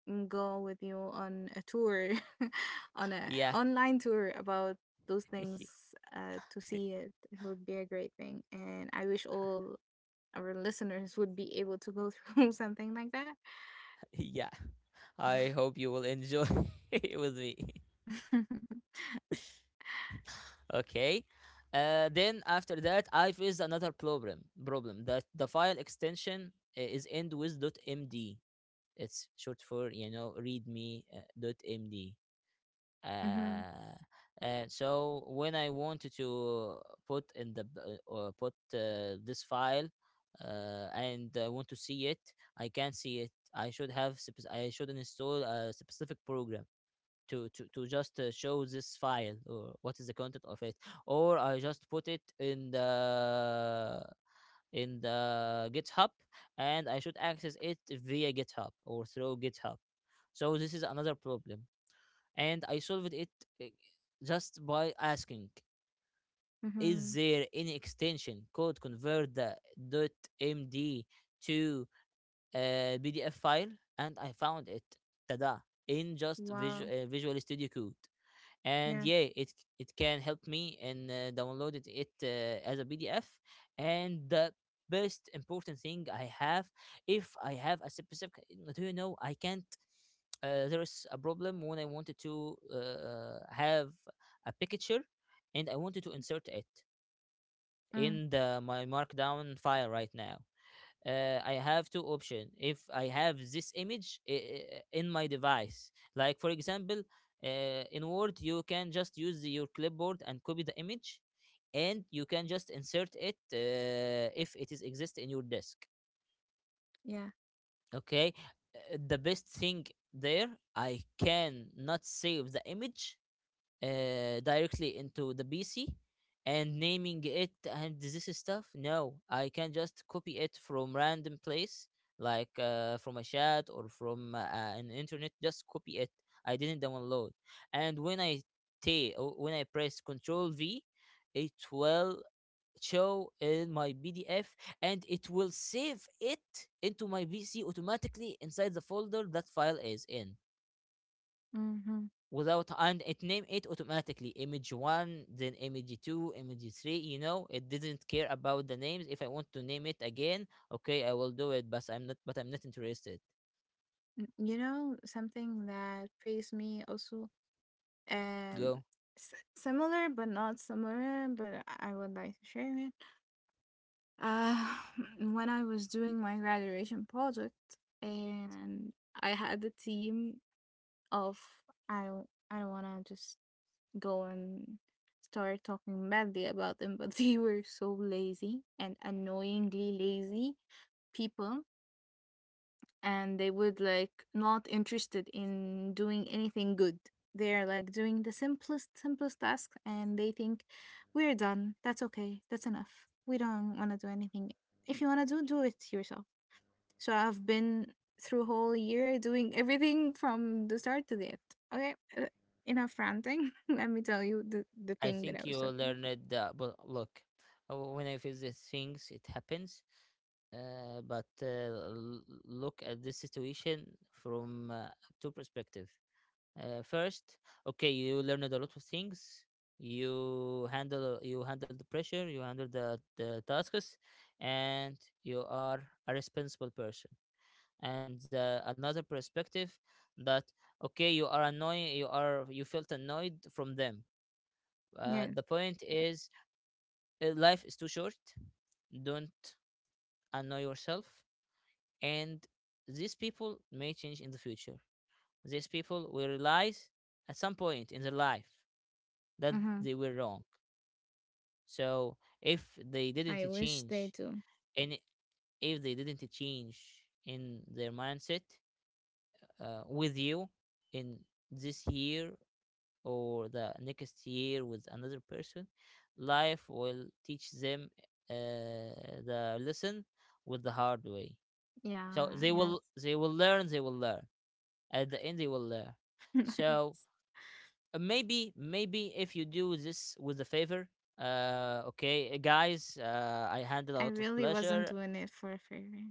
B: mm, go with you on a tour, on a
A: Yeah.
B: online tour about those things to see it. It would be a great thing, and I wish all our listeners would be able to go through something like that.
A: Yeah, I hope you will enjoy with me. Okay. Then after that, I faced another problem. Problem that the file extension is end with .md. It's short for .md. uh,
B: Mhm.
A: so when I wanted to put in or put this file and I want to see it, I can't see it. I should have I should install a specific program to just show this file or what is the content of it, or I just put it in the GitHub, and I should access it via GitHub or through GitHub. So this is another problem, and I solved it, uh, just by asking,
B: Mhm.
A: is there any extension called convert the .md to a PDF file? And I found it, tada, in just
B: Wow.
A: Visual Studio Code, and
B: Yeah.
A: yeah, it can help me, and downloaded it as a PDF. And the best important thing I have, if I have a specific, do you know, I can't, there is a problem when I wanted to have a picture, and I wanted to insert it
B: Mm.
A: in the my markdown file right now. I have two options. If I have this image in my device, like, for example, uh, in Word, you can just use your clipboard and copy the image, and you can just insert it if it is exist in your disk.
B: Yeah.
A: Okay. The best thing there, I can not save the image directly into the PC and naming it and this stuff. No, I can just copy it from random place, like from a chat or from an internet. Just copy it. I didn't download. And when I when I press Control V, it will show in my PDF, and it will save it into my PC automatically inside the folder that file is in,
B: Mhm.
A: without. And it named it automatically image one, then image two, image three. You know, it didn't care about the names. If I want to name it again, okay, I will do it, but I'm not interested.
B: You know something that faced me also. Um,
A: Go.
B: similar but not similar, but I would like to share it. Uh, when I was doing my graduation project, and I had a team of, I don't want to just go and start talking badly about them, but they were so lazy and annoyingly lazy people, and they would like not interested in doing anything good. They're like doing the simplest tasks and they think we're done. That's okay, that's enough, we don't want to do anything. If you want to do, do it yourself. So I've been through whole year doing everything from the start to the end. Okay, enough ranting. Let me tell you the
A: I
B: thing that I
A: think
B: was
A: you
B: talking.
A: learned that, but look, when I face these things, it happens. uh, but uh, l- Look at this situation from two perspective. First, okay, you learned a lot of things. You handle the pressure, you handle the tasks, and you are a responsible person. And another perspective, that, okay, you are annoying, you felt annoyed from them. The
B: Yes.
A: point is, life is too short. Don't annoy yourself. And these people may change in the future. These people will realize, at some point in their life, that
B: Uh-huh.
A: they were wrong. So if they didn't
B: I wish they
A: change,
B: do.
A: and if they didn't change in their mindset, with you, in this year, or the next year with another person, life will teach them uh, the lesson with the hard way. So
B: Yeah,
A: they
B: yes.
A: will, they will learn, they will learn. At the end, they will learn. So,
B: yes.
A: Maybe, maybe if you do this with a favor. Okay, guys, I handed a
B: I
A: lot of
B: really wasn't
A: pleasure.
B: doing it for a favor,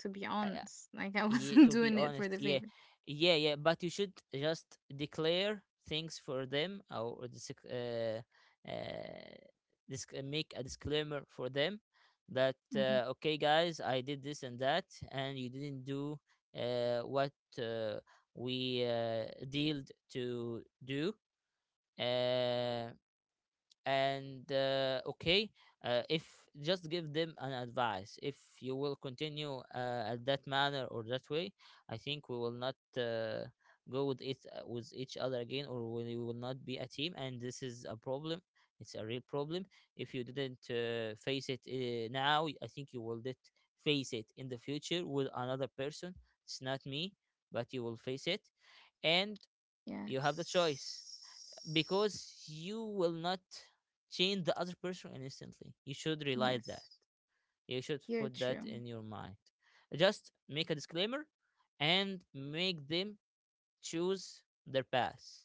B: to be
A: I, I-
B: honest. Like I
A: yeah,
B: wasn't
A: to be
B: doing it for
A: honest,
B: the
A: yeah.
B: favor.
A: Yeah, yeah, but you should just declare things for them or uh, make a disclaimer for them, that,
B: Hmm.
A: okay, guys, I did this and that, and you didn't do what uh, we dealed to do. uh and okay, if just give them an advice, if you will continue at that manner or that way, I think we will not go with it with each other again, or we will not be a team, and this is a problem. It's a real problem. If you didn't face it now, I think you will did face it in the future with another person. It's not me, but you will face it. And you have the choice,
B: Yes.
A: because you will not change the other person instantly. You should realize that.
B: Yes.
A: You should
B: You're
A: put
B: true.
A: that in your mind. Just make a disclaimer and make them choose their path.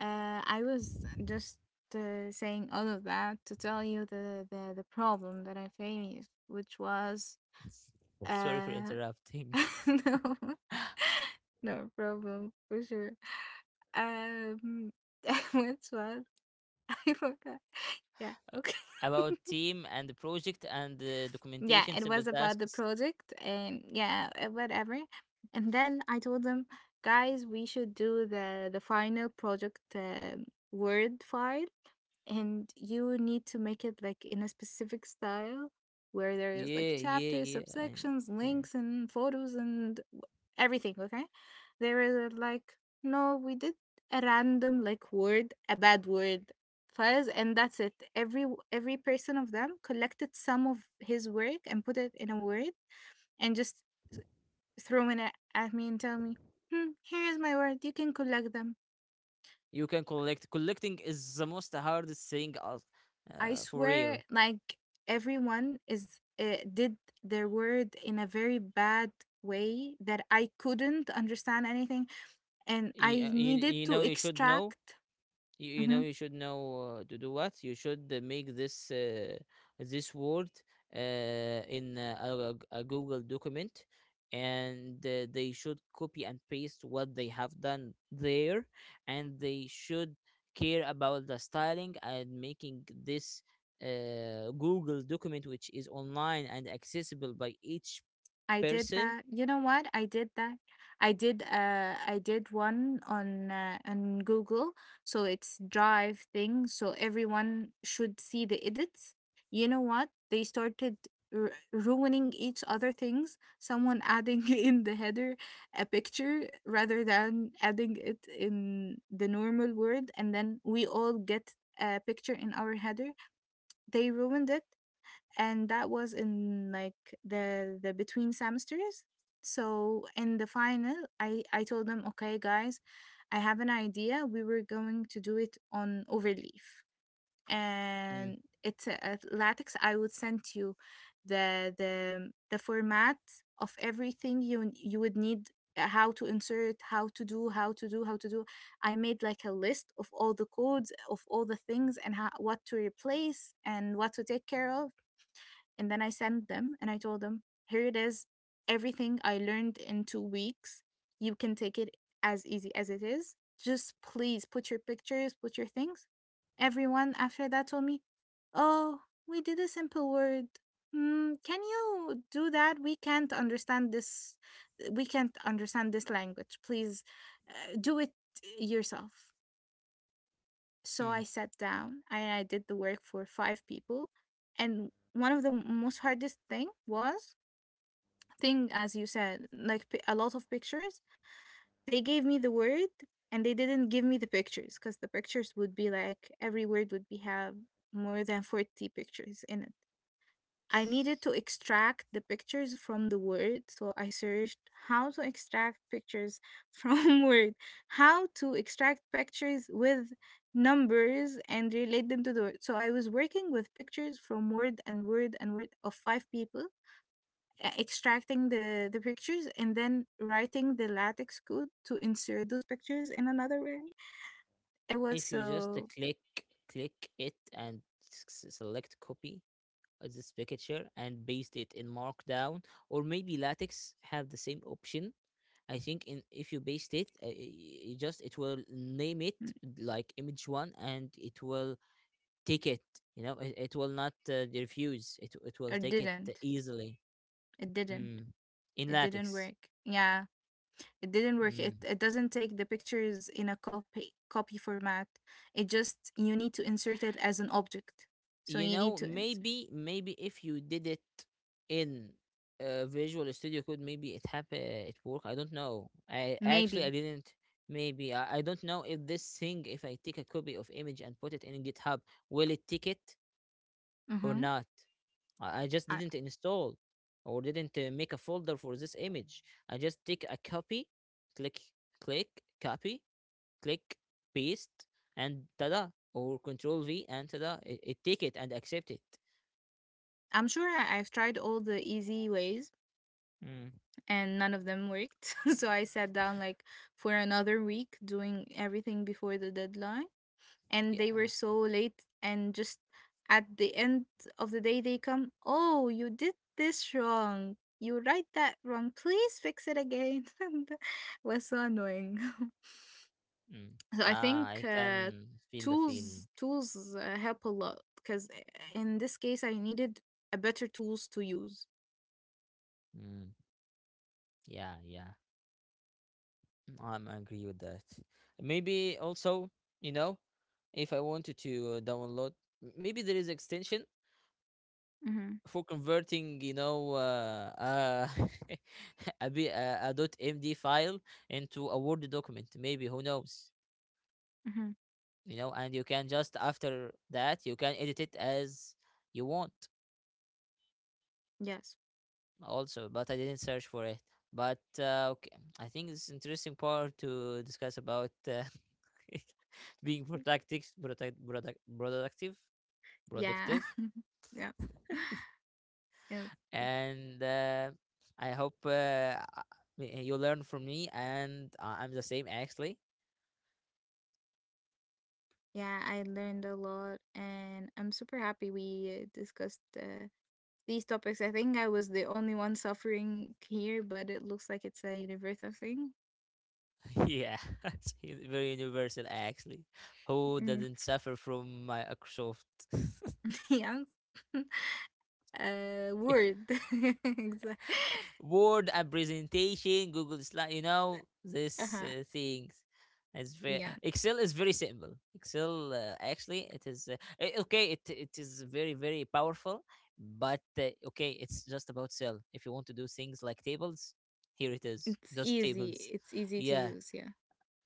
B: I was just saying all of that to tell you the problem that I faced, which was
A: Sorry for
B: uh,
A: interrupting.
B: no, no problem for sure. Um, which was I forgot. Yeah. Okay.
A: About team and the project and the
B: Yeah,
A: documentation,
B: it
A: simple
B: was about the
A: tasks.
B: project and yeah, whatever. And then I told them, guys, we should do the final project word file and you need to make it like in a specific style where there is
A: Yeah,
B: like
A: yeah,
B: chapters,
A: yeah.
B: subsections,
A: Yeah.
B: links, and photos and everything. Okay, there is a, like, no, we did a random like word, a bad word files, and that's it. Every person of them collected some of his work and put it in a word and just throwing it at me and tell me, hmm, here is my word. You can collect them.
A: You can collect. Collecting is the most hardest thing,
B: I
A: for
B: swear,
A: real.
B: like everyone is did their word in a very bad way that I couldn't understand anything, and
A: You,
B: I
A: you,
B: needed
A: you
B: to
A: know, you should know,
B: extract.
A: you
B: Mm-hmm,
A: know you should know to do, what you should make this this word uh, in a Google document, and they should copy and paste what they have done there, and they should care about the styling and making this Google document, which is online and accessible by each
B: I did
A: person.
B: that. You know what? I did that. I did one on Google. So it's drive thing. So everyone should see the edits. You know what? They started ruining each other things. Someone adding in the header a picture rather than adding it in the normal word and then we all get a picture in our header. They ruined it, and that was in like the between semesters. So in the final, I told them, okay guys, I have an idea, we were going to do it on Overleaf,
A: Mm,
B: and it's a latex. I would send you the format of everything you you would need, how to insert, how to do, how to do, how to do. I made like a list of all the codes of all the things and how, what to replace and what to take care of. And then I sent them and I told them, here it is. Everything I learned in 2 weeks, you can take it as easy as it is. Just please put your pictures, put your things. Everyone after that told me, oh, we did a simple word. Mm, can you do that? We can't understand this. We can't understand this language. Please do it yourself. So I
A: mm,
B: sat down and I did the work for five people. And one of the most hardest thing was thing as you said, like a lot of pictures. They gave me the word and they didn't give me the pictures because the pictures would be like every word would be have more than 40 pictures in it. I needed to extract the pictures from the word, so I searched how to extract pictures from word, how to extract pictures with numbers and relate them to the word. So I was working with pictures from word and word and word of five people, extracting the pictures and then writing the latex code to insert those pictures in another way. It was
A: if you just
B: so
A: click, click it and select copy this picture and paste it in Markdown, or maybe LaTeX have the same option. I think in, if you paste it, it just, it will name it
B: mm,
A: like image one, and it will take it. You know, it will not refuse. It will
B: it
A: take it
B: didn't.
A: easily.
B: It didn't.
A: Mm. In
B: It didn't work.
A: LaTeX.
B: Yeah. It didn't work. It
A: Mm.
B: it doesn't take the pictures in a copy format. It just you need to insert it as an object. So
A: You
B: you need
A: know,
B: to insert.
A: maybe, maybe if you did it in Visual Studio Code, maybe it happen, it work. I don't know. i actually
B: Maybe.
A: i didn't Maybe I don't know if this thing, if I take a copy of image and put it in GitHub, will it take it or
B: Mm-hmm.
A: not. I just
B: I,
A: didn't install or didn't make a folder for this image. I just take a copy, click, click, copy, click, paste, and tada, or Control V, and tada, it take it and accept it.
B: I'm sure I've tried all the easy ways
A: Mm.
B: and none of them worked. So I sat down like for another week doing everything before the deadline, and
A: Yeah.
B: they were so late and just at the end of the day they come, oh, you did this wrong, you write that wrong, please fix it again, and that was so annoying.
A: Mm.
B: So I
A: Ah,
B: think
A: I can feel the feeling.
B: tools help a lot because in this case I needed a better tools to use.
A: Mm. Yeah, yeah. Mm, I agree with that. Maybe also, you know, if I wanted to download, maybe there is extension
B: Mm-hmm.
A: for converting, you know, a dot .md file into a Word document. Maybe, who knows?
B: Mm-hmm.
A: You know, and you can just after that, you can edit it as you want.
B: Yes.
A: Also, but I didn't search for it. But okay, I think it's interesting part to discuss about being productive, productive,
B: Yeah.
A: productive,
B: Yes. Yes.
A: and I hope you learn from me, and I'm the same actually.
B: Yeah, I learned a lot and I'm super happy we discussed these topics. I think I was the only one suffering here, but it looks like it's a universal thing.
A: Yeah, very universal actually. Who
B: Mm.
A: doesn't suffer from Microsoft?
B: Yes. Word. Exa-
A: Word and presentation, Google Slide, you know, these
B: uh-huh.
A: things. It's very
B: Yeah.
A: Excel is very simple. Excel actually it is okay. It is very very powerful, but okay, it's just about cell. If you want to do things like tables, here it is,
B: It's
A: just
B: easy.
A: tables.
B: It's easy to
A: Yeah,
B: use. Yeah.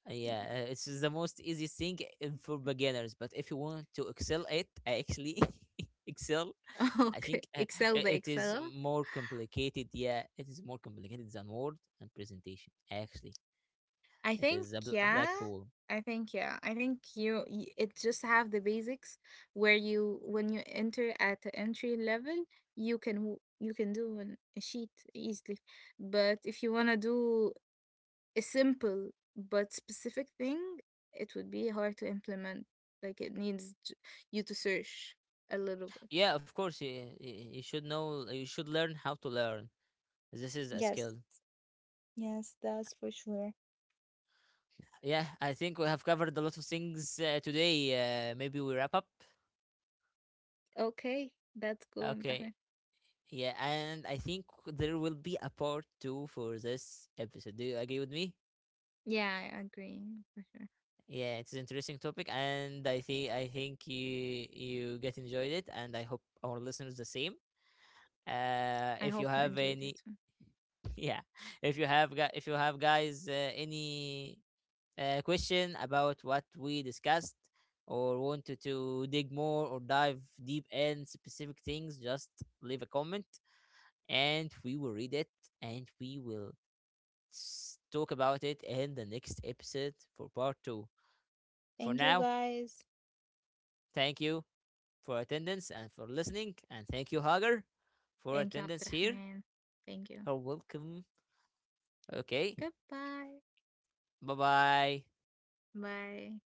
A: yeah,
B: Yeah.
A: it's the most easy thing for beginners. But if you want to excel it, actually excel, I
B: Okay.
A: think
B: Excel the
A: it is
B: Excel.
A: more complicated. Yeah, it is more complicated than Word and presentation. Actually,
B: I
A: it
B: think,
A: is a
B: yeah.
A: black hole.
B: I think yeah. I think you it just have the basics where you when you enter at the entry level, you can you can do an, a sheet easily, but if you want to do a simple but specific thing, it would be hard to implement. Like it needs you to search a little bit.
A: Yeah, of course, you should know. You should learn how to learn. This is a
B: Yes,
A: skill.
B: yes, that's for sure.
A: Yeah, I think we have covered a lot of things today. Maybe we wrap up.
B: Okay, that's cool,
A: Okay.
B: Abdurrahman.
A: Yeah, and I think there will be a part two for this episode. Do you agree with me?
B: Yeah, I agree for sure.
A: Yeah, it's an interesting topic, and I think you get enjoyed it, and I hope our listeners the same.
B: I
A: If you
B: hope you
A: have
B: enjoyed
A: any,
B: it too.
A: yeah, if you have, guys, any question about what we discussed, or wanted to dig more or dive deep in specific things, just leave a comment, and we will read it, and we will, let's talk about it in the next episode for part two. For
B: Thank you
A: now,
B: guys.
A: thank you for attendance and for listening. And thank you, Hager, for
B: Thank you,
A: attendance here.
B: Abdurrahman. Thank you.
A: You're welcome. Okay.
B: Goodbye.
A: Bye bye.
B: Bye.